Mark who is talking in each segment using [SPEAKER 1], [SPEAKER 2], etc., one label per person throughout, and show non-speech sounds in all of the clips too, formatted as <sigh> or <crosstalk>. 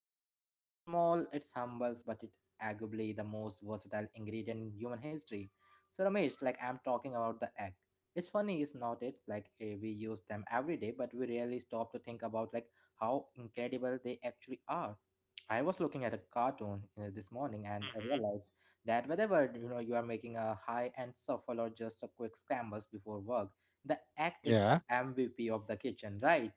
[SPEAKER 1] right now. It's small, it's humble, but it arguably the most versatile ingredient in human history. So, Ramesh, like I'm talking about the egg. It's funny, it's not it, like we use them every day, but we rarely stop to think about, like, how incredible they actually are. I was looking at a cartoon this morning,
[SPEAKER 2] hmm
[SPEAKER 1] and I realized that whenever you are making a high end shuffle or just a quick scrambles before work, the egg is
[SPEAKER 2] Yeah,
[SPEAKER 1] the MVP of the kitchen, right?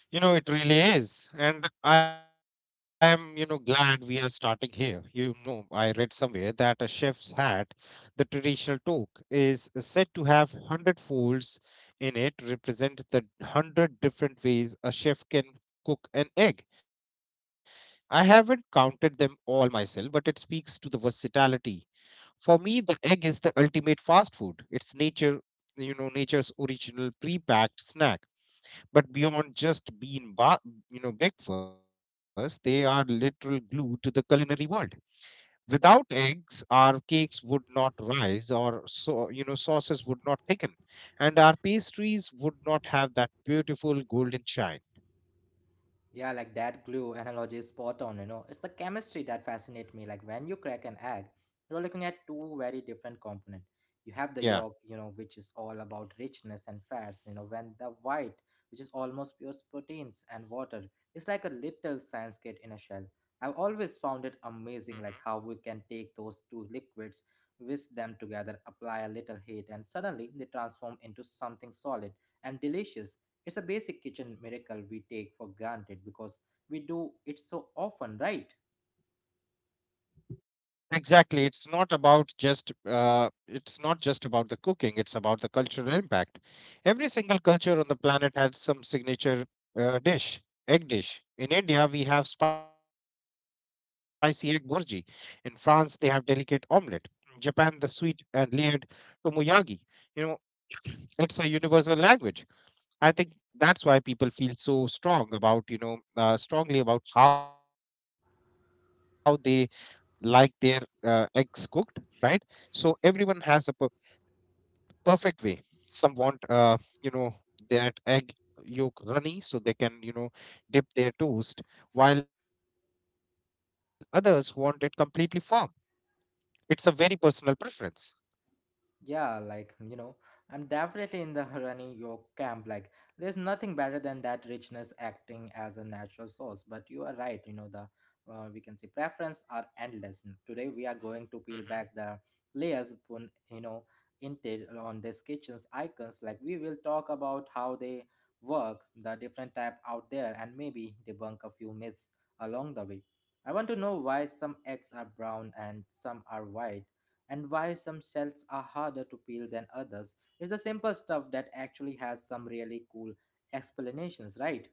[SPEAKER 2] you know, it really is. And I am, you know, glad we are starting here. You know, I read somewhere that a chef's hat, the traditional toque, is said to have 100 folds in it, represent the 100 different ways a chef can cook an egg. I haven't counted them all myself, but it speaks to the versatility. For me, the egg is the ultimate fast food. It's nature, you know, nature's original pre-packed snack. But beyond just you know, breakfast, they are literal glue to the culinary world. Without eggs, our cakes would not rise, or so you know, sauces would not thicken, and our pastries would not have that beautiful golden shine.
[SPEAKER 1] Yeah, like that glue analogy is spot on. It's the chemistry that fascinates me. Like when you crack an egg, you're looking at two very different components. You have the
[SPEAKER 2] Yeah.
[SPEAKER 1] yolk, which is all about richness and fats, when the white, which is almost pure proteins and water, it's like a little science kit in a shell. I've always found it amazing like how we can take those two liquids, whisk them together, apply a little heat, and suddenly they transform into something solid and delicious. It's a basic kitchen miracle we take for granted because we do it so often, right?
[SPEAKER 2] Exactly. It's not about just it's not just about the cooking, it's about the cultural impact. Every single culture on the planet has some signature dish, egg dish. In India, we have spicy egg burji. In France, they have delicate omelette. In Japan, the sweet and layered tomoyagi. You know, it's a universal language. I think that's why people feel so strongly about how they like their eggs cooked, right? So everyone has a perfect way. Some want, you know, that egg yolk runny so they can, you know, dip their toast, while others want it completely firm. It's a very personal preference.
[SPEAKER 1] Yeah, like, I'm definitely in the <laughs> running your camp. Like, there's nothing better than that richness acting as a natural source. But you are right, you know, the we can say preference are endless. Today we are going to
[SPEAKER 2] Mhm.
[SPEAKER 1] peel back the layers upon, intel on these kitchen's icons. Like, we will talk about how they work, the different type out there, and maybe debunk a few myths along the way. I want to know why some eggs are brown and some are white, and why some shells are harder to peel than others. It's the simple stuff that actually has some really cool explanations, right?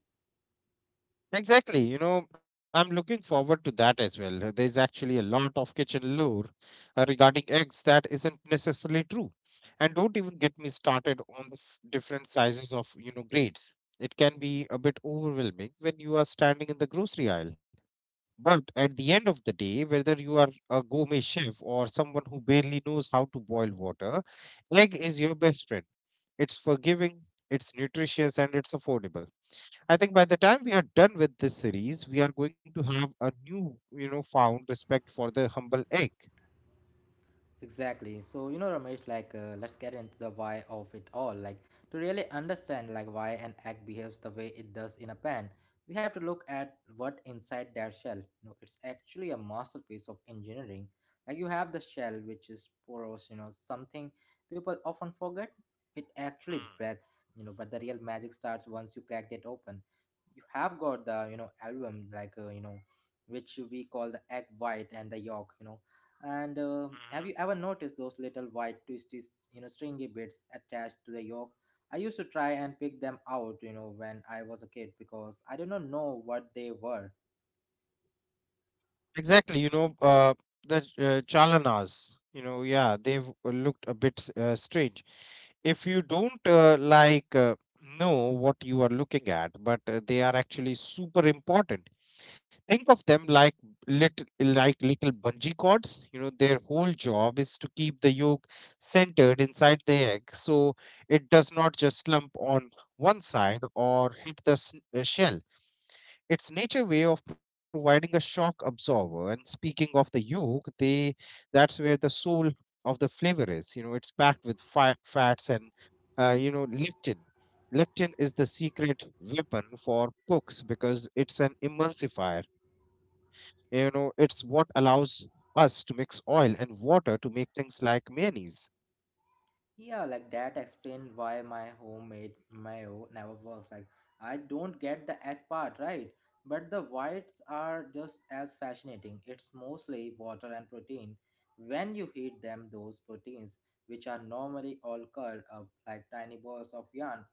[SPEAKER 2] Exactly. You know, I'm looking forward to that as well. There's actually a lot of kitchen lore regarding eggs that isn't necessarily true. And don't even get me started on the different sizes of, you know, grades. It can be a bit overwhelming when you are standing in the grocery aisle. But at the end of the day, whether you are a gourmet chef or someone who barely knows how to boil water, egg is your best friend. It's forgiving, it's nutritious, and it's affordable. I think by the time we are done with this series, we are going to have a new, you know, found respect for the humble egg.
[SPEAKER 1] Exactly. So, Ramesh, like, let's get into the why of it all. Like, to really understand, like, why an egg behaves the way it does in a pan, we have to look at what inside their shell. It's actually a masterpiece of engineering. Like, you have the shell, which is porous, something people often forget. It actually breathes, but the real magic starts once you crack it open. You have got the album, like which we call the egg white and the yolk, and have
[SPEAKER 2] Mm-hmm.
[SPEAKER 1] you ever noticed those little white twisty stringy bits attached to the yolk? I used to try and pick them out when I was a kid, because I did not know what they were.
[SPEAKER 2] Exactly, the Chalanas, you know, yeah, they've looked a bit strange. If you don't know what you are looking at, but they are actually super important. Think of them little like little bungee cords, you know, their whole job is to keep the yolk centered inside the egg, so it does not just slump on one side or hit the shell. It's nature way of providing a shock absorber. And speaking of the yolk, they that's where the soul of the flavor is. You know, it's packed with fats and you know, lectin. Lectin is the secret weapon for cooks because it's an emulsifier. You know, it's what allows us to mix oil and water to make things like mayonnaise.
[SPEAKER 1] Yeah, like that explains why my homemade mayo never works. Like, I don't get the egg part, right? But the whites are just as fascinating. It's mostly water and protein. When you heat them, those proteins, which are normally all curled up like tiny balls of yarn,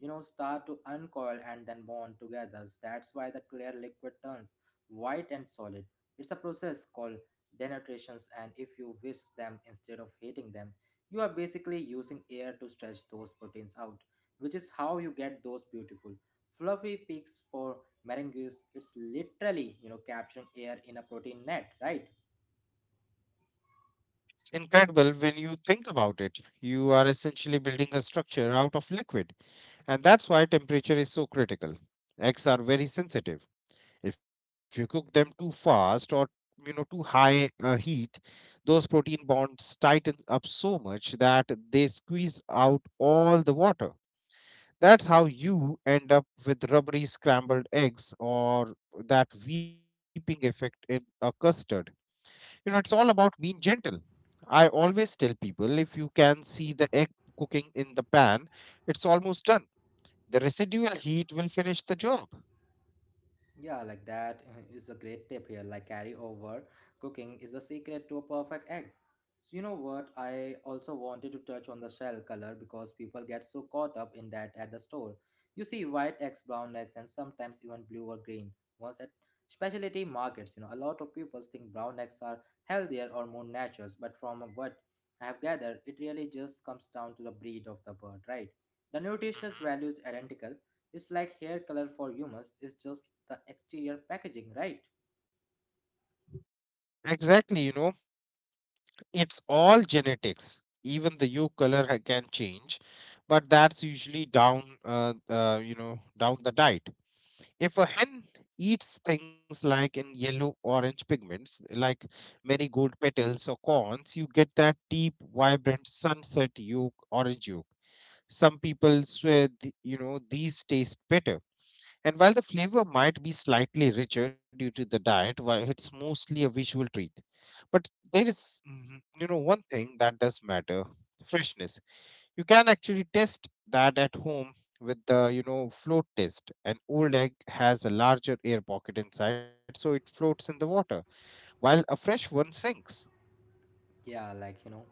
[SPEAKER 1] start to uncoil and then bond together. That's why the clear liquid turns white and solid. It's a process called denaturation, and if you whisk them instead of heating them, you are basically using air to stretch those proteins out, which is how you get those beautiful fluffy peaks for meringues. It's literally, capturing air in a protein net, right?
[SPEAKER 2] It's incredible when you think about it. You are essentially building a structure out of liquid. And that's why temperature is so critical. Eggs are very sensitive. If you cook them too fast or you know too high heat, those protein bonds tighten up so much that they squeeze out all the water. That's how you end up with rubbery scrambled eggs or that weeping effect in a custard. You know, it's all about being gentle. I always tell people if you can see the egg cooking in the pan, it's almost done. The residual heat will finish the job.
[SPEAKER 1] Yeah, like that is a great tip here. Like carry over cooking is the secret to a perfect egg. So you know what? I also wanted to touch on the shell color because people get so caught up in that at the store. You see white eggs, brown eggs, and sometimes even blue or green. Once at specialty markets, a lot of people think brown eggs are healthier or more natural, but from what I have gathered, it really just comes down to the breed of the bird, right? The nutritional
[SPEAKER 2] hmm
[SPEAKER 1] value is identical, it's like hair color for humans, it's just the exterior packaging, right?
[SPEAKER 2] Exactly, you know, it's all genetics. Even the hue color can change, but that's usually you know, down the diet. If a hen eats things like in yellow orange pigments, like marigold petals or corns, you get that deep, vibrant sunset yolk, orange yolk. Some people swear, you know, these taste better. And while the flavor might be slightly richer due to the diet, while it's mostly a visual treat. But there is, you know, one thing that does matter: freshness. You can actually test that at home with the, you know, float test. An old egg has a larger air pocket inside, so it floats in the water, while a fresh one sinks.
[SPEAKER 1] Yeah, like,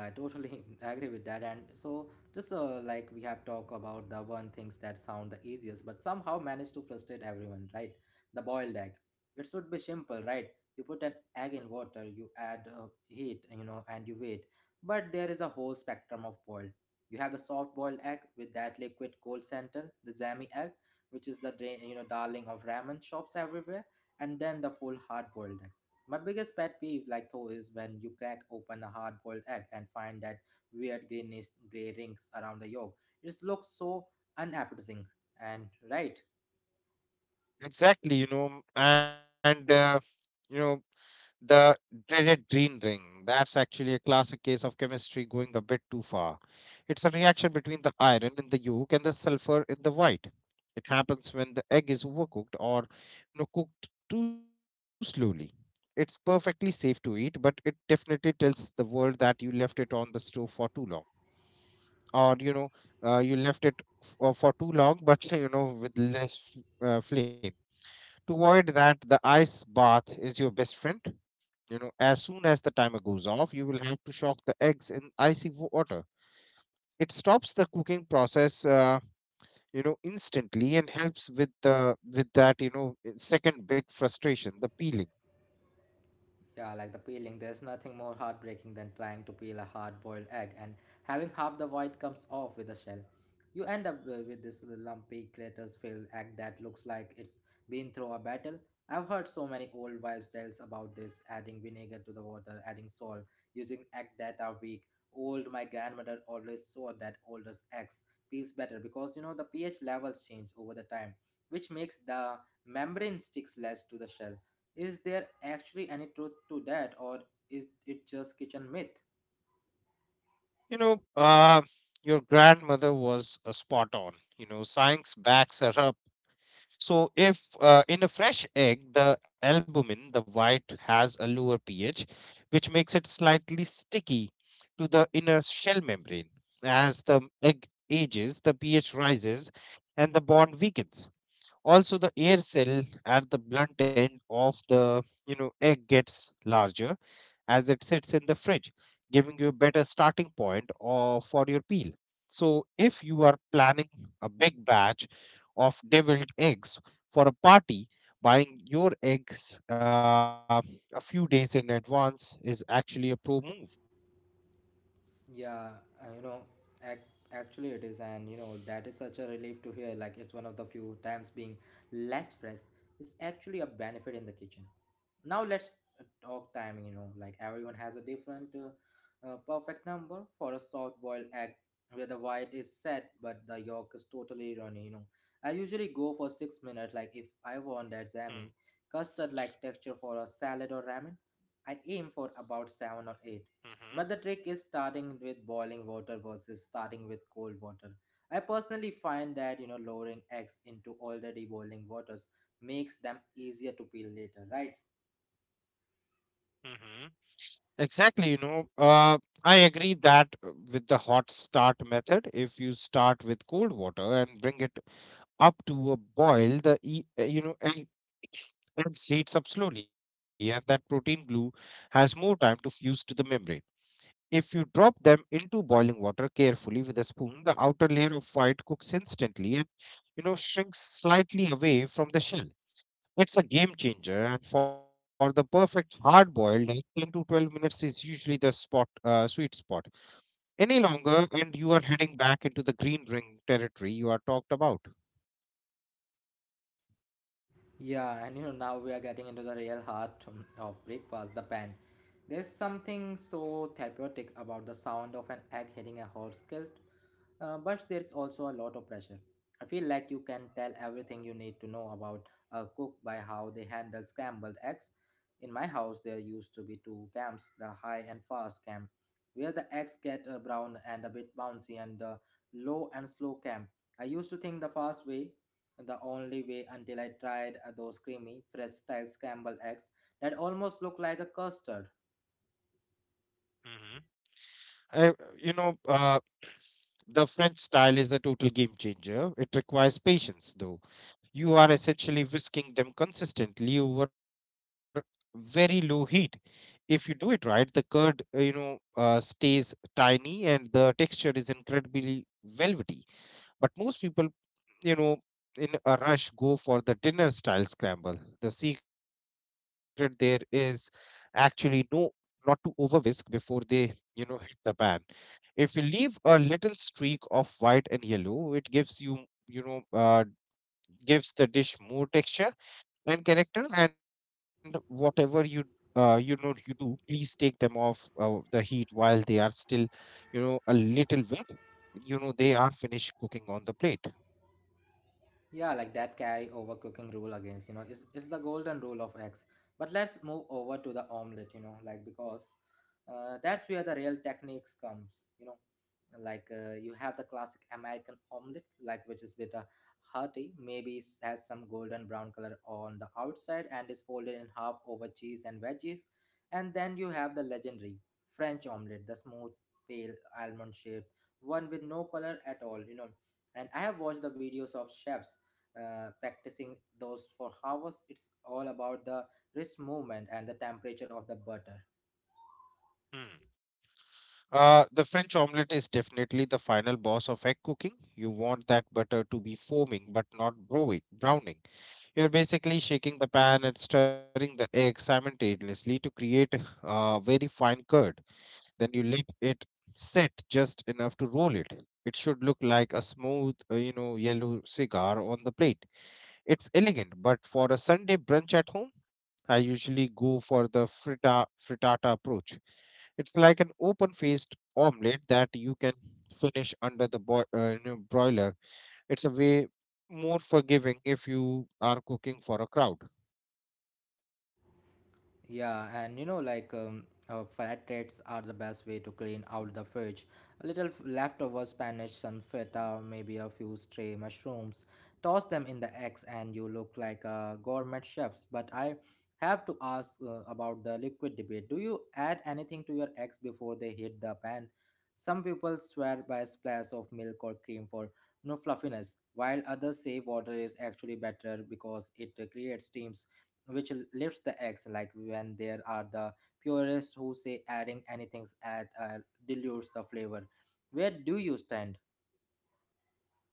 [SPEAKER 1] I totally <laughs> agree with that. And so just, like we have talked about the one things that sound the easiest but somehow manage to frustrate everyone, right? The boiled egg. It should be simple, right? You put an egg in water, you add heat, and you wait. But there is a whole spectrum of boiled. You have the soft boiled egg with that liquid cold center, the zami egg, which is the darling of ramen shops everywhere. And then the full hard boiled egg. My biggest pet peeve, like though, is when you crack open a hard-boiled egg and find that weird greenish gray rings around the yolk. It looks so unappetizing. And right,
[SPEAKER 2] Exactly, you know, the dreaded green ring. That's actually a classic case of chemistry going a bit too far. It's a reaction between the iron in the yolk and the sulfur in the white. It happens when the egg is overcooked or you know, cooked too slowly. It's perfectly safe to eat, but it definitely tells the world that you left it on the stove for too long, or you know, you left it for too long, but <laughs> you know, with less flame. To avoid that, the ice bath is your best friend. You know, as soon as the timer goes off, you will have to shock the eggs in icy water. It stops the cooking process, you know, instantly and helps with that, you know, second big frustration, the peeling.
[SPEAKER 1] yeah, like the peeling, there's nothing more heartbreaking than trying to peel a hard boiled egg and having half the white comes off with the shell. You end up with this lumpy, craters filled egg that looks like it's been through a battle. I've heard so many old wives' tales about this: adding vinegar to the water, adding salt, using egg that are weak. Old, my grandmother always saw that older eggs peels better because the pH levels change over the time, which makes the membrane sticks less to the shell. Is there actually any truth to that, or is it just kitchen myth?
[SPEAKER 2] You know, your grandmother was spot on. You know, science backs her up. So if in a fresh egg, the albumin, the white, has a lower pH, which makes it slightly sticky to the inner shell membrane. As the egg ages, the pH rises and the bond weakens. Also, the air cell at the blunt end of the you know egg gets larger as it sits in the fridge, giving you a better starting point or for your peel. So, if you are planning a big batch of deviled eggs for a party, buying your eggs a few days in advance is actually a pro move.
[SPEAKER 1] Yeah, uh, you know, ac- actually it is, and that is such a relief to hear. Like it's one of the few times being less stress is actually a benefit in the kitchen. Now let's talk timing. Like everyone has a different perfect number for a soft-boiled egg, where the white is set but the yolk is totally runny. You know, I usually go for 6 minutes. Like if I want that jammy custard-like texture for a salad or ramen, I aim for about seven or eight.
[SPEAKER 2] Mm-hmm.
[SPEAKER 1] But the trick is starting with boiling water versus starting with cold water. I personally find that lowering eggs into already boiling waters makes them easier to peel later, right?
[SPEAKER 2] Mm-hmm. Exactly, I agree that with the hot start method, if you start with cold water and bring it up to a boil, the you know, egg and heats up slowly, and that protein glue has more time to fuse to the membrane. If you drop them into boiling water carefully with a spoon, the outer layer of white cooks instantly and you know shrinks slightly away from the shell. It's a game changer, and for the perfect hard boiled, like 10 to 12 minutes is usually the spot sweet spot. Any longer, and you are heading back into the green ring territory you are talked about.
[SPEAKER 1] Yeah, and now we are getting into the real heart of breakfast, the pan. There's something so therapeutic about the sound of an egg hitting a hot skillet, but there's also a lot of pressure. I feel like you can tell everything you need to know about a cook by how they handle scrambled eggs. In my house, there used to be two camps: the high and fast camp, where the eggs get brown and a bit bouncy, and the low and slow camp. I used to think the fast way the only way until I tried those creamy, fresh style scrambled eggs that almost look like a custard.
[SPEAKER 2] I, you know, uh, the French style is a total game changer. It requires patience, though. You are essentially whisking them consistently over very low heat. If you do it right, the curd stays tiny and the texture is incredibly velvety. But most people, you know, in a rush, go for the dinner style scramble. The secret there is actually no, not to over whisk before they, you know, hit the pan. If you leave a little streak of white and yellow it gives you you know gives the dish more texture and character. And whatever you you know you do, please take them off the heat while they are still you know a little wet, you know they are finished cooking on the plate.
[SPEAKER 1] Yeah, like that carry over cooking rule against, is the golden rule of eggs. But let's move over to the omelet, like because that's where the real techniques comes. Like, you have the classic american omelet, like, which is bit hearty, maybe has some golden brown color on the outside and is folded in half over cheese and veggies. And then you have the legendary french omelet, the smooth, pale, almond shaped one with no color at all, and I have watched the videos of chefs practicing those for hours. It's all about the wrist movement and the temperature of the butter.
[SPEAKER 2] Hmm. The French omelette is definitely the final boss of egg cooking. You want that butter to be foaming but not browning. You're basically shaking the pan and stirring the egg simultaneously to create a very fine curd. Then you let it set just enough to roll it. It should look like a smooth, you know, yellow cigar on the plate. It's elegant, but for a Sunday brunch at home, I usually go for the frittata approach. It's like an open-faced omelette that you can finish under the you know, broiler. It's a way more forgiving if you are cooking for a crowd.
[SPEAKER 1] Yeah, and flat rates are the best way to clean out the fridge. A little leftover spinach, some feta, maybe a few stray mushrooms. Toss them in the eggs, and you look like a gourmet chefs. But I have to ask about the liquid debate. Do you add anything to your eggs before they hit the pan? Some people swear by a splash of milk or cream for no fluffiness, while others say water is actually better because it creates steam, which lifts the eggs, like when there are the purists who say adding anything add dilutes the flavor. Where do you stand?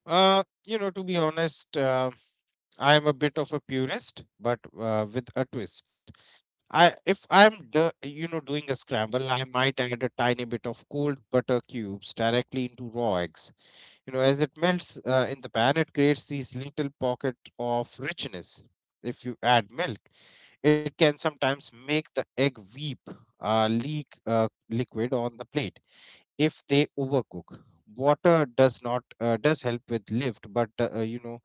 [SPEAKER 2] You know, to be honest, I am a bit of a purist, but with a twist. If I'm doing a scramble, I might add a tiny bit of cold butter cubes directly into raw eggs. You know, as it melts in the pan, it creates these little pocket of richness. If you add milk, it can sometimes make the egg weep, leak liquid on the plate if they overcook. Water does not does help with lift, but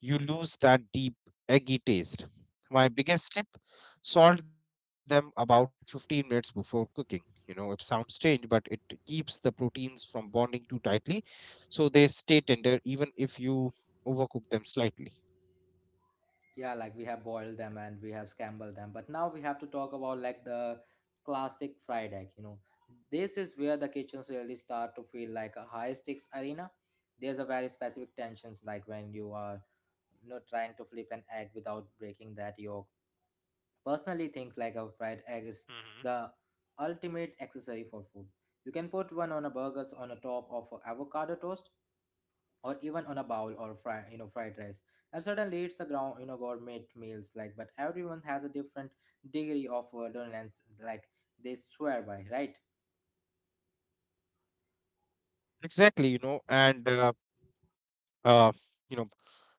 [SPEAKER 2] you lose that deep eggy taste. My biggest tip: salt them about 15 minutes before cooking. You know, it sounds strange, but it keeps the proteins from bonding too tightly, so they stay tender even if you overcook them slightly.
[SPEAKER 1] Yeah, like we have boiled them and we have scrambled them, but now we have to talk about, like, the classic fried egg. This is where the kitchens really start to feel like a high stakes arena. There's a very specific tensions, like when you are trying to flip an egg without breaking that yolk. Personally think like a fried egg
[SPEAKER 2] Hmm.
[SPEAKER 1] is the ultimate accessory for food. You can put one on a burgers, on a top of a avocado toast, or even on a bowl or fry, fried rice. And suddenly it's a ground, gourmet meals. Like, but everyone has a different degree of dominance, like they swear by, right?
[SPEAKER 2] Exactly, you know, uh, you know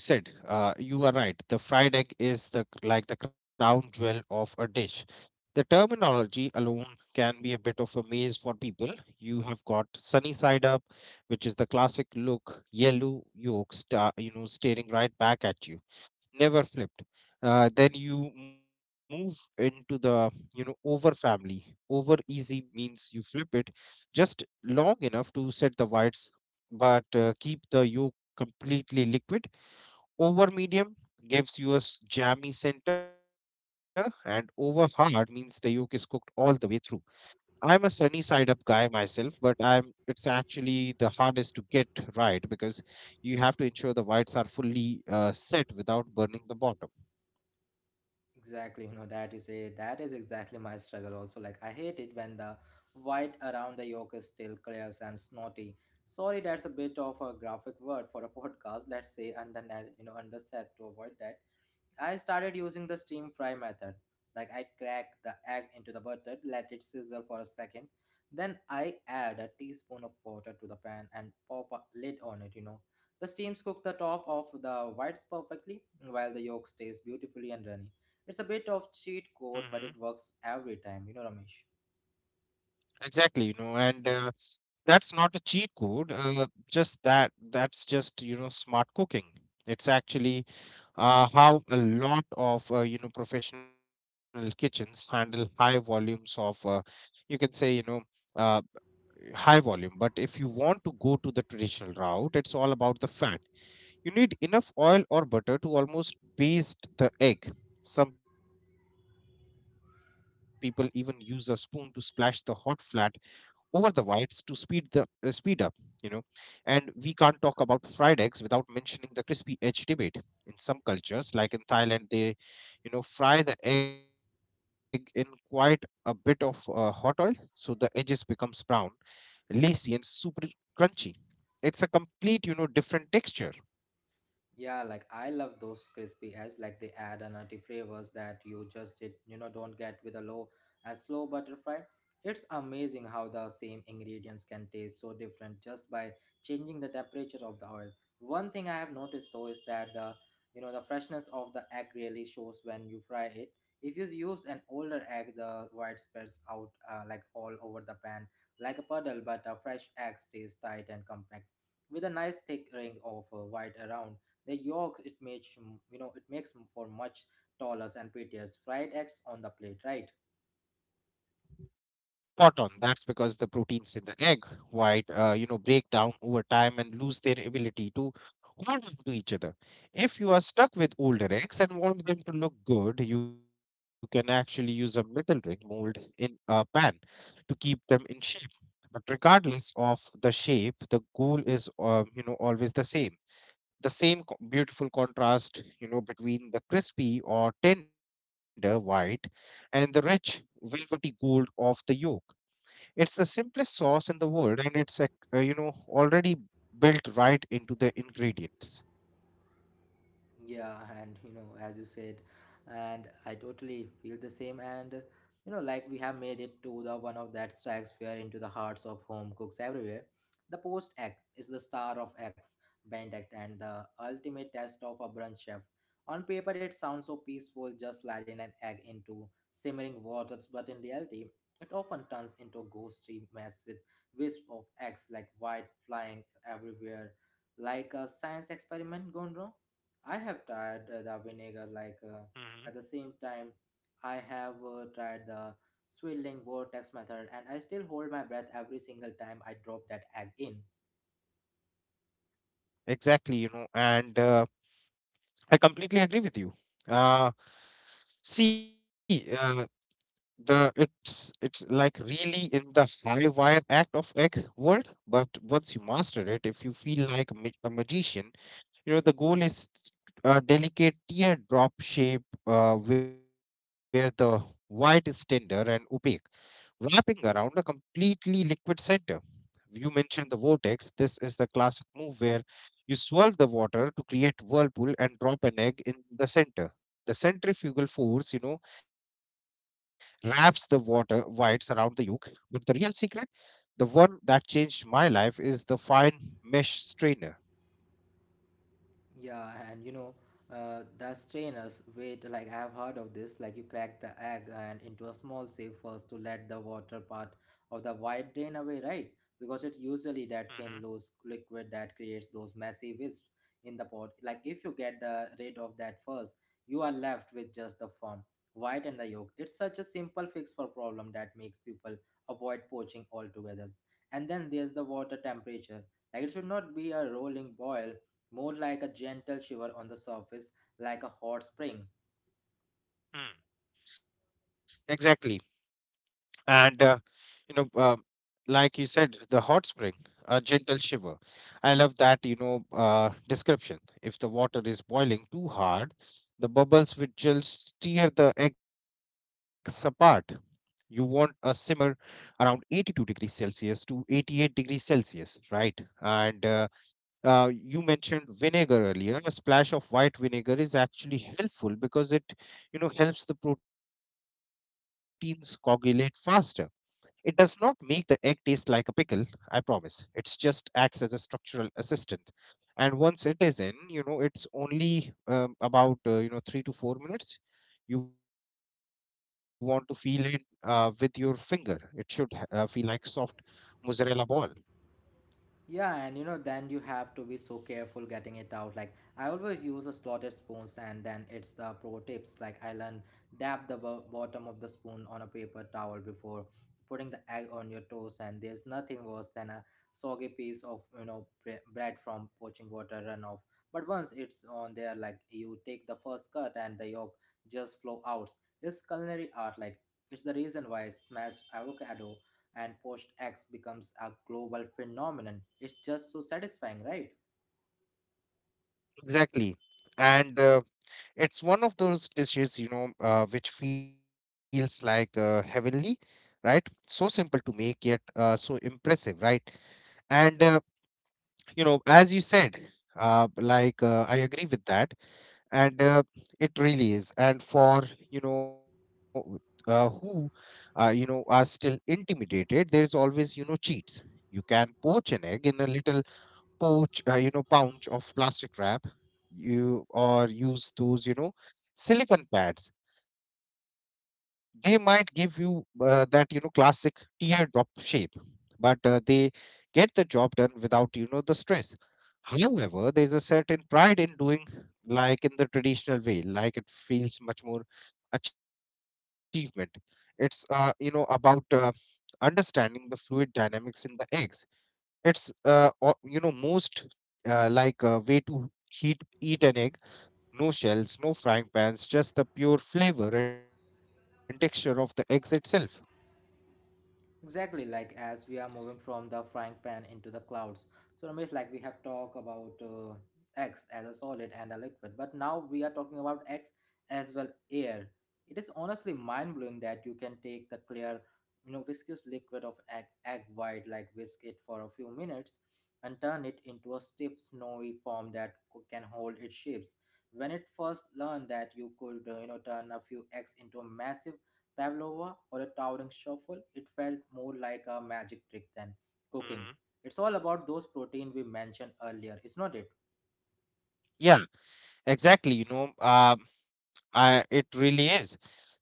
[SPEAKER 2] like as you said, you are right, the fried egg is the like the crown jewel of a dish. The terminology alone can be a bit of a maze for people. You have got sunny side up, which is the classic look, yellow yolk star, you know, staring right back at you, never flipped. Then you move into the, you know, over family. Over easy means you flip it just long enough to set the whites, but keep the yolk completely liquid. Over medium gives you a jammy center, and over hard means the yolk is cooked all the way through. I'm a sunny side up guy myself, but I'm it's actually the hardest to get right, because you have to ensure the whites are fully set without burning the bottom.
[SPEAKER 1] Exactly, you know, that you say, that is exactly my struggle also. Like, I hate it when the white around the yolk is still clear and snotty. Sorry, that's a bit of a graphic word for a <laughs> podcast. Let's say under, you know, underset to avoid that. I started using the steam fry method. Like I crack the egg into the butter, let it sizzle for a second. Then I add a teaspoon of water to the pan and pop a lid on it, you know. The steams cook the top of the whites perfectly while the yolk stays beautifully and runny. It's a bit of cheat
[SPEAKER 2] Hmm.
[SPEAKER 1] code, but it works every time, you know, Ramesh.
[SPEAKER 2] Exactly, you know, and that's not a cheat code. Just that, that's just, you know, smart cooking. It's actually how a lot of, you know, professional kitchens handle high volumes of, you can say, you know, uh, high volume. But if you want to go to the traditional route, it's all about the fat. You need enough oil or butter to almost baste the egg. Some people even use a spoon to splash the hot flat over the whites to speed up, you know. And we can't talk about fried eggs without mentioning the crispy edge debate. In some cultures, like in Thailand, they, you know, fry the egg in quite a bit of hot oil, so the edges becomes brown, lacy, and super crunchy. It's a complete, you know, different texture.
[SPEAKER 1] Yeah, like I love those crispy eggs. Like they add a nutty flavors that you just did, don't get with a low a slow butter fry. It's amazing how the same ingredients can taste so different just by changing the temperature of the oil. One thing I have noticed though is that the you know the freshness of the egg really shows when you fry it. If you use an older egg, the white spreads out like all over the pan like a puddle, but a fresh egg stays tight and compact with a nice thick ring of white around the yolk. It makes you know it makes for much taller and prettier fried eggs on the plate, right?
[SPEAKER 2] Spot on. That's because the proteins in the egg white, you know, break down over time and lose their ability to hold on to each other. If you are stuck with older eggs and want them to look good, you can actually use a metal ring mold in a pan to keep them in shape. But regardless of the shape, the goal is, you know, always the same, the same beautiful contrast, you know, between the crispy or tender white and the rich velvety gold of the yolk. It's the simplest sauce in the world, and it's you know, already built right into the ingredients.
[SPEAKER 1] Yeah, and you know, as you said, and I totally feel the same. And you know, like we have made it to the one of that strikes fear into the hearts of home cooks everywhere. The post act is the star of X band act and the ultimate test of a brunch chef. On paper, it sounds so peaceful, just sliding an egg into simmering waters, but in reality, it often turns into a ghostly mess with wisps of eggs like white flying everywhere, like a science experiment gone wrong. I have tried the vinegar,
[SPEAKER 2] Hmm.
[SPEAKER 1] at the same time I have tried the swirling vortex method, and I still hold my breath every single time I drop that egg in.
[SPEAKER 2] Exactly, you know, and I completely agree with you. Uh, see the It's like really in the high wire act of egg world, but once you master it, if you feel like a a magician. You know, the goal is a delicate teardrop shape, where the white is tender and opaque, wrapping around a completely liquid center. You mentioned the vortex. This is the classic move where you swirl the water to create whirlpool and drop an egg in the center. The centrifugal force, you know, wraps the water whites around the yolk. But the real secret, the one that changed my life, is the fine mesh strainer.
[SPEAKER 1] Yeah, and you know, the strainers wait. Like I have heard of this. Like you crack the egg and into a small sieve first to let the water part of the white drain away, right? Because it's usually that thin, loose liquid that creates those messy wisps in the pot. Like if you get the rid of that first, you are left with just the foam, white and the yolk. It's such a simple fix for problem that makes people avoid poaching altogether. And then there's the water temperature. Like it should not be a rolling boil, more like a gentle shiver on the surface, like a hot spring.
[SPEAKER 2] Mm-hmm. Exactly. And you know, like you said, the hot spring, a gentle shiver. I love that, you know, description. If the water is boiling too hard, the bubbles will just tear the eggs apart. You want a simmer around 82 degrees Celsius to 88 degrees Celsius, right? And you mentioned vinegar earlier. A splash of white vinegar is actually helpful, because it, you know, helps the proteins coagulate faster. It does not make the egg taste like a pickle, I promise. It just acts as a structural assistant. And once it is in, you know, it's only about, you know, 3 to 4 minutes. You want to feel it with your finger. It should feel like soft mozzarella ball.
[SPEAKER 1] Yeah, and you know, then you have to be so careful getting it out. Like, I always use a slotted spoons, and then it's the pro tips. Like, I learned, dab the bottom of the spoon on a paper towel before putting the egg on your toast, and there's nothing worse than a soggy piece of bread from poaching water runoff. But once it's on there, like you take the first cut, and the yolk just flow out. It's culinary art. Like, it's the reason why smashed avocado and post X becomes a global phenomenon. It's just so satisfying, right?
[SPEAKER 2] Exactly. And it's one of those dishes, you know, which feels like heavenly, right? So simple to make, yet so impressive, right? And you know, as you said, I agree with that, and it really is. And for, you know, who you know, are still intimidated, there is always, you know, cheats. You can poach an egg in a little pouch, you know, pouch of plastic wrap, you or use those, you know, silicon pads. They might give you that, you know, classic teardrop shape, but they get the job done without, you know, the stress. However, there is a certain pride in doing, like, in the traditional way. Like, it feels much more achievement. It's, you know, about understanding the fluid dynamics in the eggs. It's you know, most way to heat eat an egg. No shells, no frying pans, just the pure flavor and texture of the eggs itself.
[SPEAKER 1] Exactly, like as we are moving from the frying pan into the clouds. So Ramesh, like we have talked about X as a solid and a liquid, but now we are talking about X as well air. It is honestly mind blowing that you can take the clear, you know, viscous liquid of egg, egg white, like whisk it for a few minutes, and turn it into a stiff snowy form that can hold its shapes. When it first learned that you could, you know, turn a few eggs into a massive pavlova, or a towering shuffle, it felt more like a magic trick than cooking.
[SPEAKER 2] Hmm.
[SPEAKER 1] It's all about those protein we mentioned earlier, is not it?
[SPEAKER 2] Yeah, exactly, you know, it really is.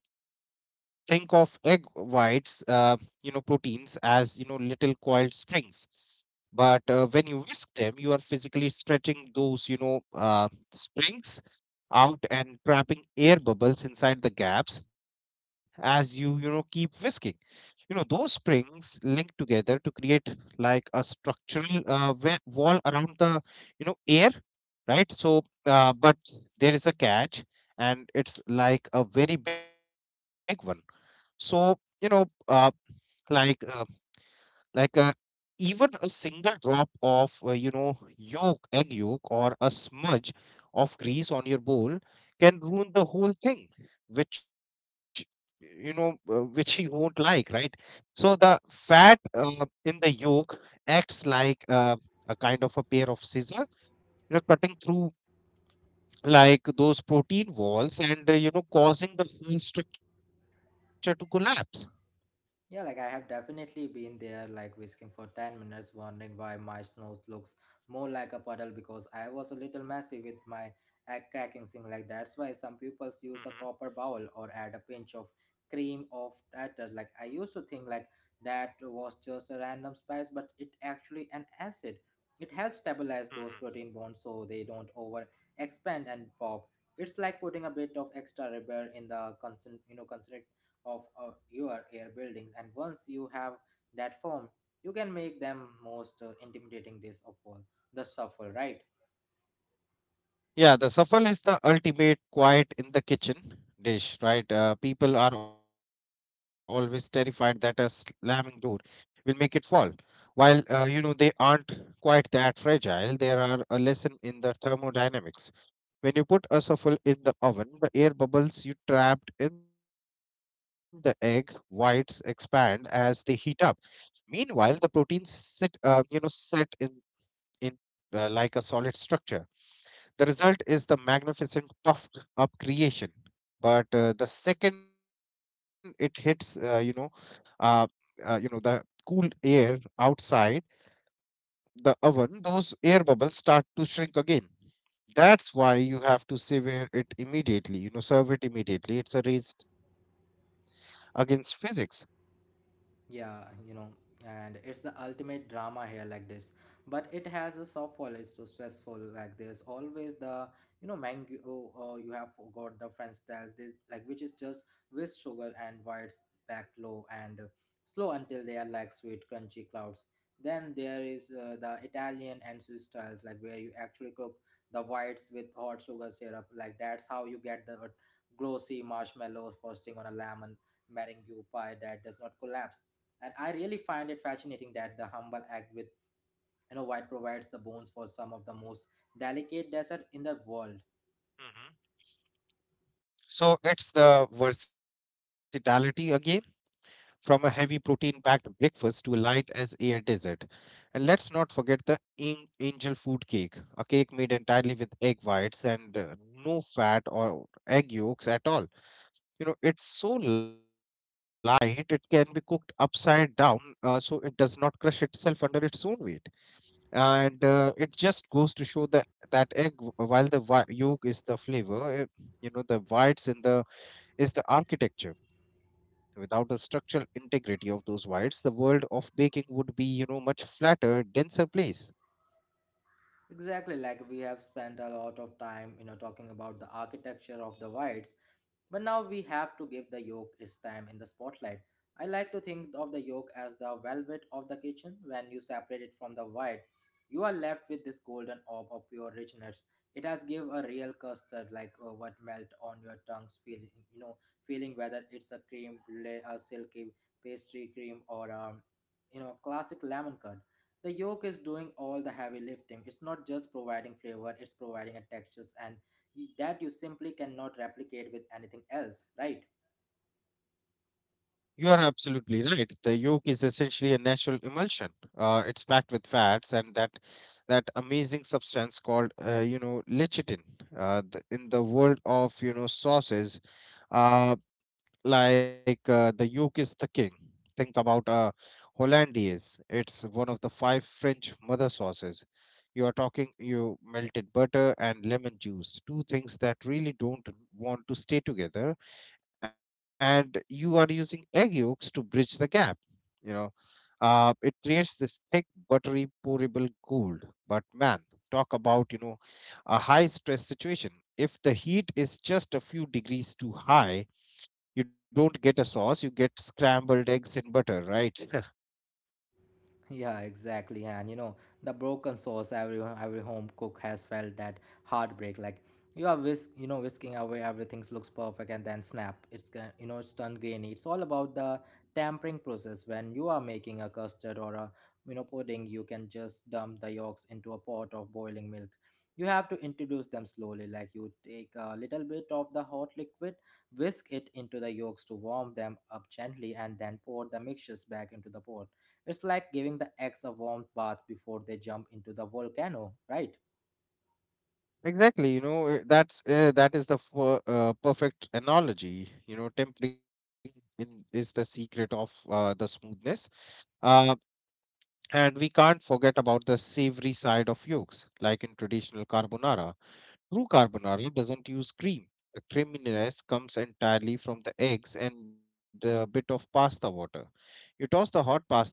[SPEAKER 2] Think of egg whites, you know, proteins as, you know, little coiled springs. But when you whisk them, you are physically stretching those, you know, springs out, and trapping air bubbles inside the gaps. As you, you know, keep whisking, you know, those springs link together to create like a structural wall around the, you know, air, right? So but there is a catch, and it's like a very big one. So, you know, uh, like uh, like uh, even a single drop of you know, yolk, egg yolk, or a smudge of grease on your bowl can ruin the whole thing, which, you know, which <laughs> he won't like, right? So the fat in the yolk acts like a kind of a pair of scissors, you know, cutting through like those protein walls, and, you know, causing the whole structure to collapse.
[SPEAKER 1] Yeah, like I have definitely been there, like whisking for 10 minutes, wondering why my snow looks more like a puddle because I was a little messy with my egg cracking thing. Like that's why some pupils use a copper bowl or add a pinch of cream of tartar. Like I used to think like that was just a random spice, but it actually an acid. It helps
[SPEAKER 2] Mm-hmm.
[SPEAKER 1] stabilize those protein bonds so they don't over expand and pop. It's like putting a bit of extra rubber in the you know, concentrated of your air buildings. And once you have that form, you can make them most intimidating dish of all, the shuffle, right?
[SPEAKER 2] Yeah, the safal is the ultimate quiet in the kitchen dish, right? People are always terrified that a slamming door will make it fall. While, you know, they aren't quite that fragile, there are a lesson in the thermodynamics. When you put a safal in the oven, the air bubbles you trapped in the egg whites expand as they heat up. Meanwhile, the proteins sit, you know, set in like a solid structure. The result is the magnificent puffed up creation. But the second it hits, uh, you know, the cool air outside the oven, those air bubbles start to shrink again. That's why you have to severe it immediately. You know, serve it immediately. It's a race against physics.
[SPEAKER 1] Yeah, you know, and it's the ultimate drama here like this. But it has a soft fall, it's too stressful. Like there's always the mango you have forgot the French styles this, like which is just with sugar and whites, backed low and slow until they are like sweet crunchy clouds. Then there is the Italian and Swiss styles, like where you actually cook the whites with hot sugar syrup. Like that's how you get the glossy marshmallow frosting on a lemon meringue pie that does not collapse. And I really find it fascinating that the humble act with, you know, white provides the bones for some of the most delicate desert in the world.
[SPEAKER 2] Hmm. So it's the versatility again, from a heavy protein packed breakfast to a light as air dessert. And let's not forget the angel food cake, a cake made entirely with egg whites and no fat or egg yolks at all. You know, it's so light, it can be cooked upside down, so it does not crush itself under its own weight. And it just goes to show that egg, yolk is the flavor, you know, the whites in the is the architecture. Without the structural integrity of those wires, the world of baking would be, you know, much flatter, denser place.
[SPEAKER 1] Exactly, like we have spent a lot of time, you know, talking about the architecture of the whites. But now we have to give the yolk its time in the spotlight. I like to think of the yolk as the velvet of the kitchen. When you separate it from the white, you are left with this golden orb of pure richness. It has give a real custard, like what melt on your tongues, feeling, you know, feeling whether it's a cream brulee, a silky pastry cream, or you know, classic lemon curd. The yolk is doing all the heavy lifting. It's not just providing flavor; it's providing a textures and that you simply cannot replicate with anything else, right?
[SPEAKER 2] You are absolutely right. The yolk is essentially a natural emulsion. It's packed with fats and that amazing substance called, you know, lecithin. In the world of, you know, sauces, uh, the yoke is the king. Think about hollandaise. It's one of the five French mother sauces. You are talking you melted butter and lemon juice, two things that really don't want to stay together, and you are using egg yolks to bridge the gap. You know, it creates this thick, buttery, pourable gold. But man, talk about, you know, a high stress situation. If the heat is just a few degrees too high, you don't get a sauce, you get scrambled eggs and butter, right? <laughs>
[SPEAKER 1] Yeah, exactly. And you know, the broken sauce, every home cook has felt that heartbreak. Like you are whisking away, everything looks perfect and then snap. It's gon- you know, it's turned grainy. It's all about the tampering process. When you are making a custard or a, you know, pudding, you can just dump the yolks into a pot of boiling milk. You have to introduce them slowly. Like you take a little bit of the hot liquid, whisk it into the yolks to warm them up gently, and then pour the mixtures back into the pot. It's like giving the eggs a warm bath before they jump into the volcano, right?
[SPEAKER 2] Exactly, you know, that's that is the fir- perfect analogy, you know. Tempering in, is the secret of the smoothness. uh, and we can't forget about the savory side of yolks, like in traditional carbonara. True carbonara doesn't use cream. The creaminess comes entirely from the eggs and a bit of pasta water. You toss the hot pasta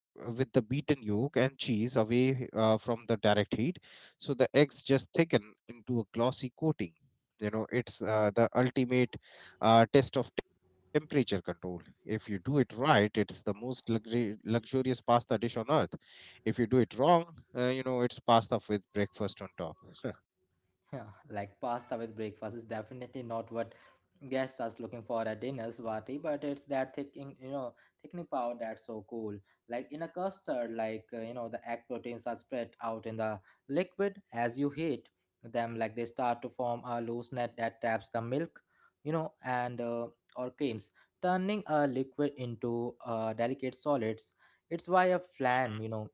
[SPEAKER 2] with the beaten yolk and cheese away from the direct heat, so the eggs just thicken into a glossy coating. You know, it's the ultimate test of temperature control. If you do it right, it's the most luxurious pasta dish on earth. If you do it wrong, you know, it's pasta with breakfast on top. <laughs> Mhm.
[SPEAKER 1] <laughs> Like pasta with breakfast is definitely not what guests are looking for at dinners, Vati, but it's that thickening, thickening power that's so cool. Like in a custard, like, you know, the egg proteins are spread out in the liquid as you heat them, like they start to form a loose net that traps the milk, you know, and or creams, turning a liquid into delicate solids. It's why a flan, you know,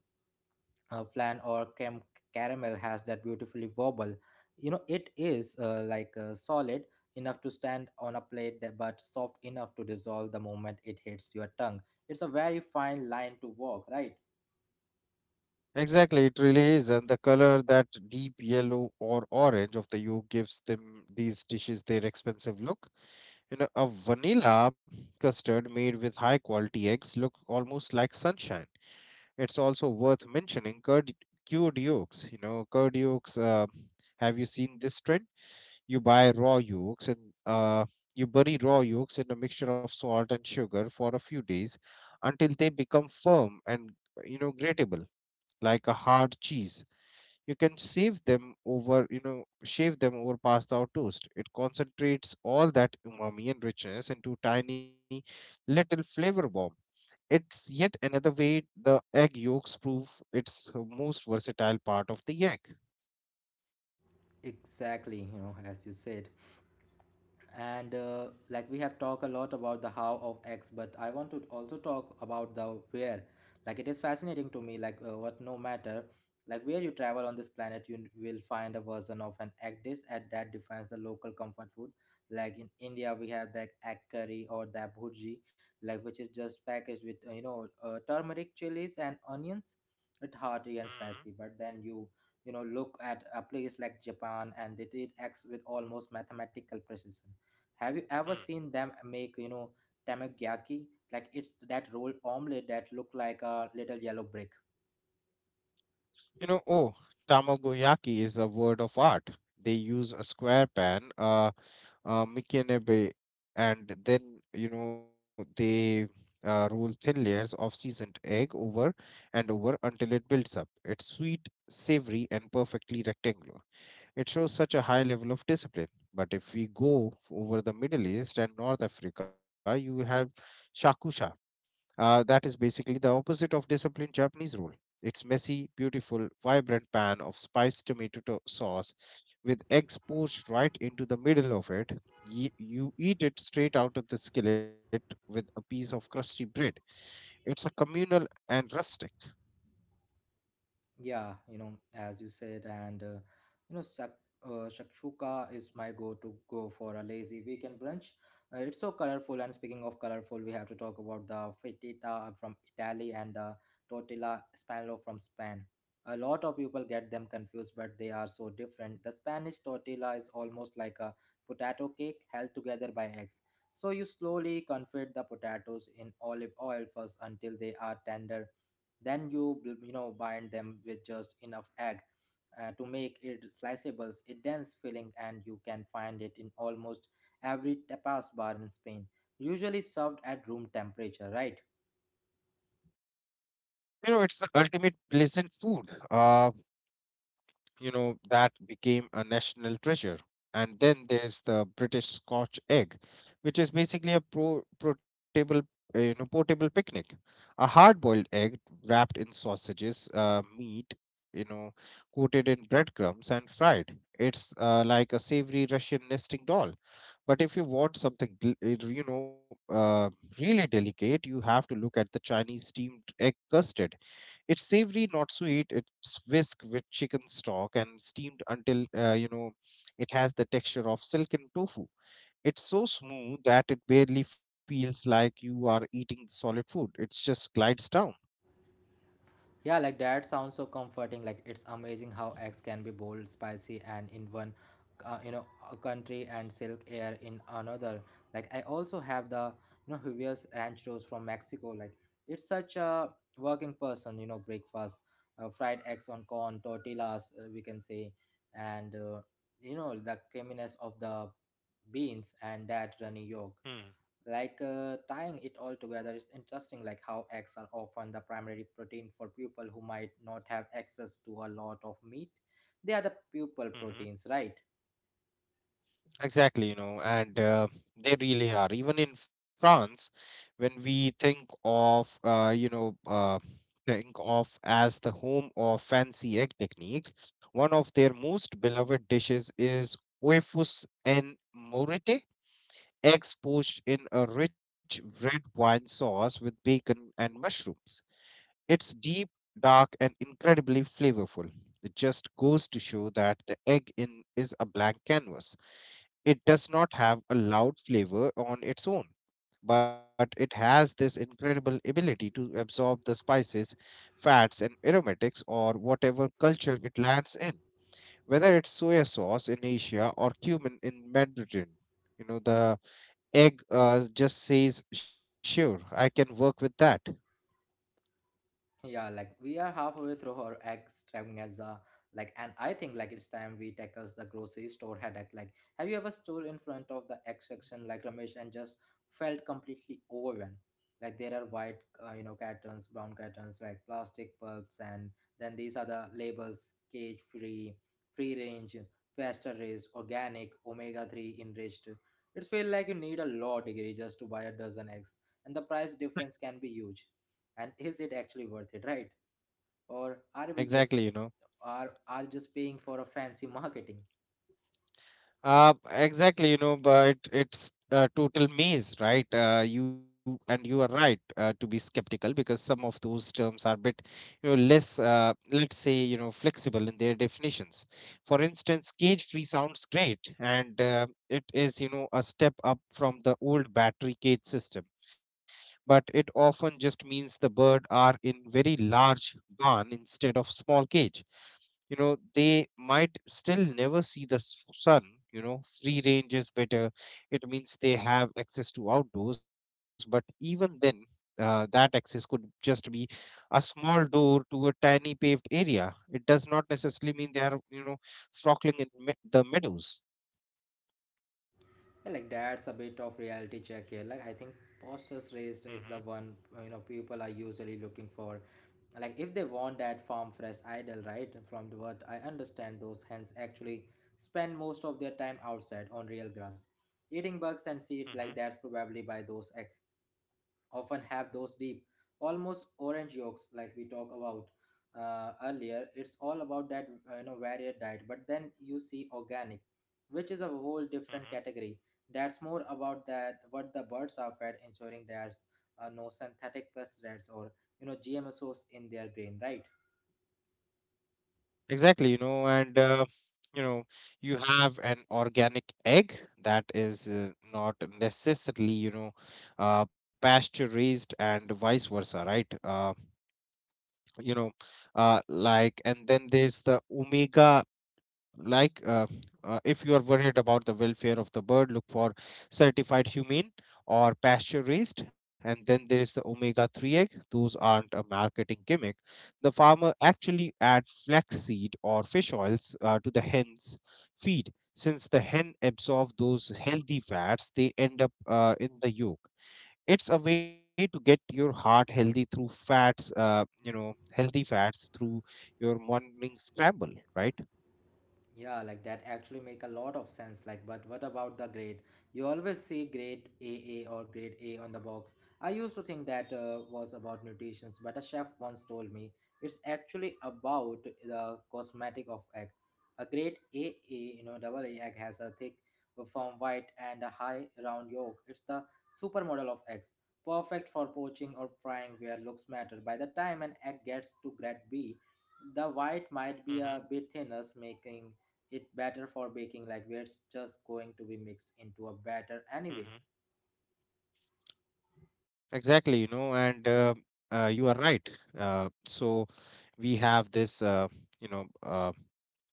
[SPEAKER 1] flan or creme caramel has that beautifully wobble. You know, it is solid enough to stand on a plate, but soft enough to dissolve the moment it hits your tongue. It's a very fine line to walk, right?
[SPEAKER 2] Exactly, it really is. And the color, that deep yellow or orange of the yolk gives them these dishes their expensive look. You know, a vanilla custard made with high quality eggs look almost like sunshine. It's also worth mentioning curd cured yolks. Curd yolks. Have you seen this trend? You buy raw yolks, and uh, you bury raw yolks in a mixture of salt and sugar for a few days until they become firm and, grateable, like a hard cheese. You can save them over you know shave them over pasta or toast. It concentrates all that umami and richness into tiny little flavor bombs. It's yet another way the egg yolks prove its most versatile part of the egg.
[SPEAKER 1] Exactly, you know, as you said. And like we have talked a lot about the how of X, but I want to also talk about the where. Like it is fascinating to me, like what no matter like where you travel on this planet, you will find a version of an egg dish at that defines the local comfort food. Like in India we have the egg curry or the bhurji, like which is just packaged with you know, turmeric, chilies and onions. It's hearty and
[SPEAKER 2] Mm-hmm.
[SPEAKER 1] spicy, but then you know, look at a place like Japan and they treat eggs with almost mathematical precision. Have you ever seen them make, you know, tamagyaki? Like it's that rolled omelette that look like a little yellow brick.
[SPEAKER 2] Oh, tamagoyaki is a word of art. They use a square pan, mikinebe, and then, they roll thin layers of seasoned egg over and over until it builds up. It's sweet, savory, and perfectly rectangular. It shows such a high level of discipline. But if we go over the Middle East and North Africa, you will have shakusha. That is basically the opposite of disciplined Japanese rule. It's messy, beautiful, vibrant pan of spiced tomato sauce with eggs poached right into the middle of it. You eat it straight out of the skillet with a piece of crusty bread. It's a communal and rustic.
[SPEAKER 1] Yeah, you know, as you said, and you know, shakshuka is my go-to go for a lazy weekend brunch. It's so colorful, and speaking of colorful, we have to talk about the frittata from Italy and the tortilla spanolo from Spain. A lot of people get them confused, but they are so different. The Spanish tortilla is almost like a potato cake held together by eggs. So you slowly confit the potatoes in olive oil first until they are tender, then you know bind them with just enough egg to make it sliceables, a dense filling, and you can find it in almost every tapas bar in Spain, usually served at room temperature, right?
[SPEAKER 2] It's the ultimate pleasant food. That became a national treasure. And then there's the British scotch egg, which is basically a pro portable you know portable picnic, a hard boiled egg wrapped in sausages, meat, you know coated in breadcrumbs and fried. It's like a savory Russian nesting doll. But if you want something uh, really delicate, you have to look at the Chinese steamed egg custard. It's savory, not sweet. It's whisked with chicken stock and steamed until, it has the texture of silken tofu. It's so smooth that it barely feels like you are eating solid food. It just glides down.
[SPEAKER 1] Yeah, that sounds so comforting. Like it's amazing how eggs can be bold, spicy, and in one, uh, you know, a country and silk air in another. Like I also have the, you know, Juvia's Rancheros from Mexico. Like it's such a working person, you know, breakfast, fried eggs on corn, tortillas, we can say, and you know, the creaminess of the beans and that runny yolk.
[SPEAKER 2] Hmm.
[SPEAKER 1] Tying it all together is interesting, like how eggs are often the primary protein for people who might not have access to a lot of meat. They are the pupil
[SPEAKER 2] hmm
[SPEAKER 1] proteins, right?
[SPEAKER 2] Exactly, and they really are. Even in France, when we think of, you know, think of as the home of fancy egg techniques, one of their most beloved dishes is oeufs en morete, eggs poached in a rich red wine sauce with bacon and mushrooms. It's deep, dark, and incredibly flavorful. It just goes to show that the egg in is a blank canvas. It does not have a loud flavor on its own, but it has this incredible ability to absorb the spices, fats, and aromatics or whatever culture it lands in. Whether it's soya sauce in Asia or cumin in Mediterranean, the egg just says, sure, I can work with that.
[SPEAKER 1] Yeah, like we are halfway through our extravaganza, like, and I think like it's time we tackle the grocery store headache. Like, have you ever stood in front of the egg section, like, Ramesh, and just felt completely overwhelmed? Like there are white, you know, cartons, brown cartons, like plastic bulbs, and then these are the labels: cage free, free range, pasture raised, organic, omega-3 enriched. It's feel like you need a law degree just to buy a dozen eggs, and the price difference can be huge, and is it actually worth it, right? Or are we
[SPEAKER 2] Exactly, you
[SPEAKER 1] just
[SPEAKER 2] know.
[SPEAKER 1] are just paying for a fancy marketing?
[SPEAKER 2] Exactly, but it's a total maze, right? You And you are right, to be skeptical, because some of those terms are a bit, less, let's say, flexible in their definitions. For instance, cage-free sounds great, and it is, a step up from the old battery cage system. But it often just means the bird are in very large barn instead of small cage. They might still never see the sun. Free range is better. It means they have access to outdoors, but even then that access could just be a small door to a tiny paved area. It does not necessarily mean they are, frolicking in the meadows.
[SPEAKER 1] Yeah, like that's a bit of reality check here. Like I think posters
[SPEAKER 2] Mm-hmm.
[SPEAKER 1] raised is the one you know people are usually looking for, like if they want that farm fresh idol. Right, from the what I understand, those hens actually spend most of their time outside on real grass, eating bugs and seed. Like
[SPEAKER 2] Mm-hmm.
[SPEAKER 1] that's probably by those eggs often have those deep, almost orange yolks, like we talk about earlier. It's all about that varied diet. But then you see organic, which is a whole different
[SPEAKER 2] Mm-hmm.
[SPEAKER 1] category. That's more about that what the birds are fed, ensuring there's no synthetic pesticides or, you know, GMOs in their grain, right?
[SPEAKER 2] Exactly, and you know you have an organic egg that is, not necessarily, pasture raised, and vice versa, right? You know and then there's the omega, like uh, if you are worried about the welfare of the bird, look for certified humane or pasture raised. And then there is the omega 3 egg. Those aren't a marketing gimmick. The farmer actually add flaxseed or fish oils, to the hen's feed. Since the hen absorb those healthy fats, they end up, in the yolk. It's a way to get your heart healthy through fats, healthy fats through your morning scramble, right?
[SPEAKER 1] Yeah, like that actually make a lot of sense. Like, but what about the grade? You always see grade double A or grade A on the box. I used to think that was about mutations, but a chef once told me it's actually about the cosmetic of egg. A grade double A, you know, double A egg has a thick, firm white and a high round yolk. It's the supermodel of eggs, perfect for poaching or frying where looks matter. By the time an egg gets to grade B, the white might be a bit thinner, making it better for baking, like it's just going to be mixed into a batter anyway.
[SPEAKER 2] Mm-hmm. Exactly, you know, and you are right. So we have this, you know, uh,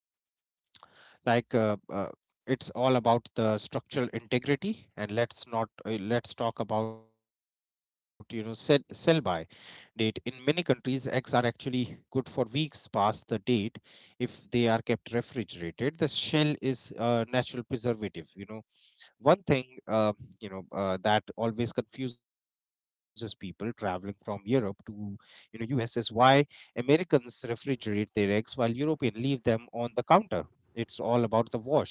[SPEAKER 2] like uh, uh, it's all about the structural integrity. And let's not let's talk about sell by date. In many countries, eggs are actually good for weeks past the date if they are kept refrigerated. The shell is a natural preservative. One thing uh, that always confuses people traveling from Europe to, you know US, is why Americans refrigerate their eggs while Europeans leave them on the counter. It's all about the wash.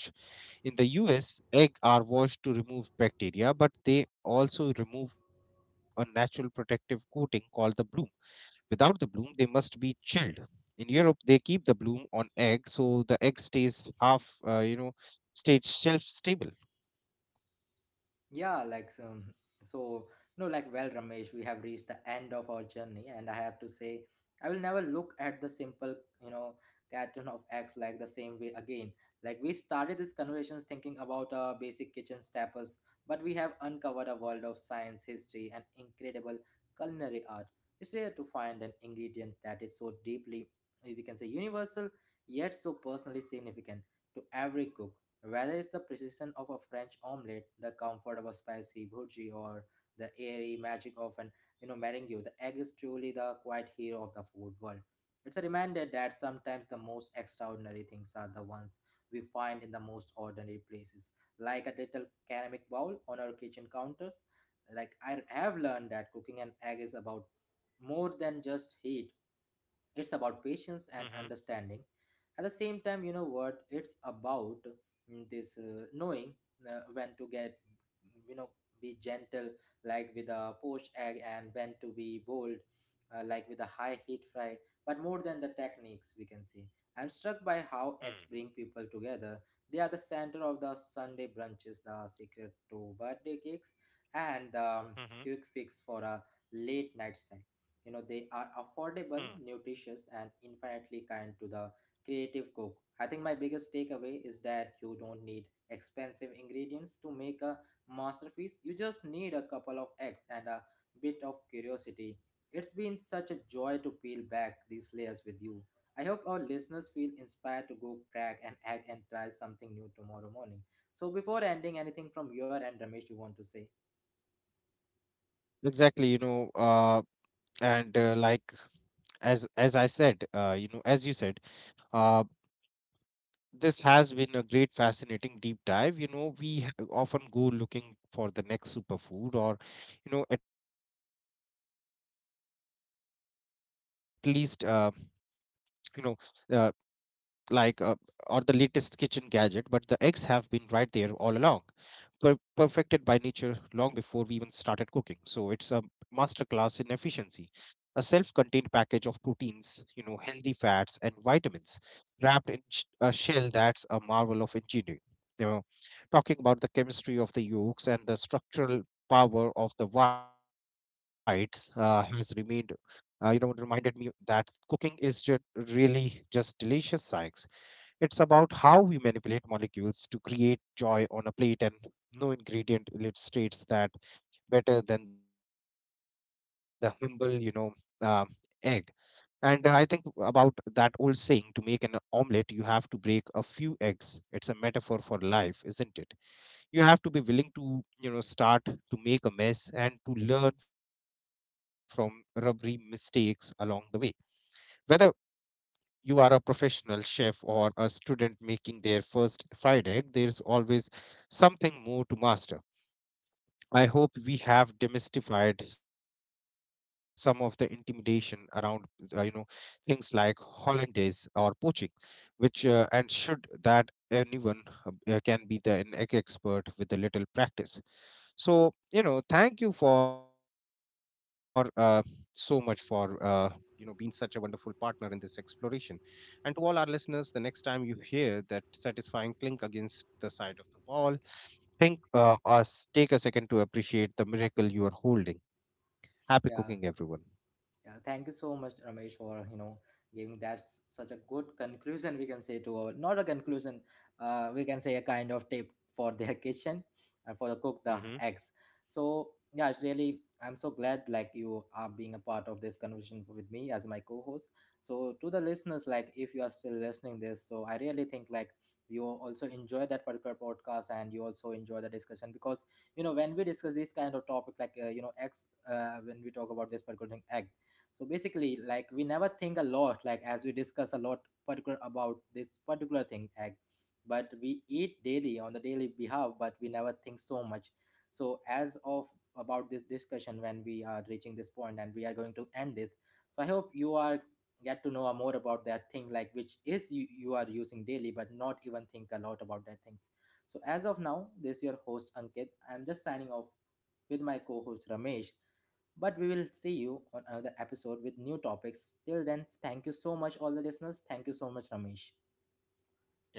[SPEAKER 2] In the US, eggs are washed to remove bacteria, but they also remove a natural protective coating called the bloom. Without the bloom, they must be chilled. In Europe, they keep the bloom on eggs, so the egg stays half you know stage shelf stable.
[SPEAKER 1] Yeah, like so no, like well, Ramesh, we have reached the end of our journey, and I have to say, I will never look at the simple, you know, carton of eggs like the same way again. Like we started this conversations thinking about our basic kitchen staples, but we have uncovered a world of science, history, and incredible culinary art. It's rare to find an ingredient that is so deeply, we can say, universal, yet so personally significant to every cook. Whether it's the precision of a French omelette, the comfort of a spicy bhurji, or the airy magic of an, you know, meringue, the egg is truly the quiet hero of the food world. It's a reminder that sometimes the most extraordinary things are the ones we find in the most ordinary places, like a little ceramic bowl on our kitchen counters. Like I have learned that cooking an egg is about more than just heat. It's about
[SPEAKER 2] Mm-hmm.
[SPEAKER 1] patience and understanding at the same time. You know what it's about? Mm, this Knowing when to get, you know, be gentle, like with a poached egg, and when to be bold, like with a high heat fry. But more than the techniques, we can see I'm struck by
[SPEAKER 2] Mm.
[SPEAKER 1] how eggs bring people together. They are the center of the Sunday brunches, the secret to birthday cakes, and the
[SPEAKER 2] Mm-hmm.
[SPEAKER 1] quick fix for a late night snack. You know, they are
[SPEAKER 2] Mm.
[SPEAKER 1] affordable, nutritious, and infinitely kind to the creative cook. I think my biggest takeaway is that you don't need expensive ingredients to make a masterpiece. You just need a couple of eggs and a bit of curiosity. It's been such a joy to peel back these layers with you. I hope our listeners feel inspired to go crack an egg and try something new tomorrow morning. So, before ending, anything from your end, Ramesh, you want to say?
[SPEAKER 2] Exactly, you know, and like as I said, you know, as you said, uh, this has been a great, fascinating deep dive. You know, we often go looking for the next superfood, or you know, at least you know, uh, like or the latest kitchen gadget. But the eggs have been right there all along, perfected by nature long before we even started cooking. So it's a master class in efficiency. A self-contained package of proteins, healthy fats, and vitamins wrapped in a shell that's a marvel of engineering. You know, talking about the chemistry of the yolks and the structural power of the whites has reminded me that cooking is just really just delicious science. It's about how we manipulate molecules to create joy on a plate, and no ingredient illustrates that better than the humble, um egg. And I think about that old saying: to make an omelette, you have to break a few eggs. It's a metaphor for life, isn't it? You have to be willing to, start to make a mess and to learn from rubbery mistakes along the way. Whether you are a professional chef or a student making their first fried egg, there's always something more to master. I hope we have demystified some of the intimidation around, uh, you know, things like hollandaise or poaching, which and should that anyone can be the an egg expert with a little practice. So, thank you for so much for you know being such a wonderful partner in this exploration. And to all our listeners, the next time you hear that satisfying clink against the side of the wall, think us, take a second to appreciate the miracle you are holding. Happy cooking, everyone.
[SPEAKER 1] Yeah. Yeah, thank you so much, Ramesh, for, you know, giving that such a good conclusion. We can say to our, not a conclusion, we can say a kind of tip for their <laughs> kitchen and for the cook the
[SPEAKER 2] hmm
[SPEAKER 1] eggs. So yeah, it's really I'm so glad like you are being a part of this conversation with me as my co-host. So to the listeners, like if you are still listening this, so I really think like you also enjoy that particular podcast and you also enjoy the discussion, because you know when we discuss this kind of topic, like you know, eggs, when we talk about this particular thing, egg, so basically like we never think a lot, like as we discuss a lot particular about this particular thing, egg, but we eat daily on the daily behalf, but we never think so much. So as of about this discussion, when we are reaching this point and we are going to end this, so I hope you are get to know more about that thing, like which is you, you are using daily but not even think a lot about that things. So as of now, this is your host Ankit, I'm just signing off with my co host Ramesh. But we will see you on another episode with new topics. Till then, thank you so much, all the listeners. Thank you so much, Ramesh.
[SPEAKER 2] yeah, thank you.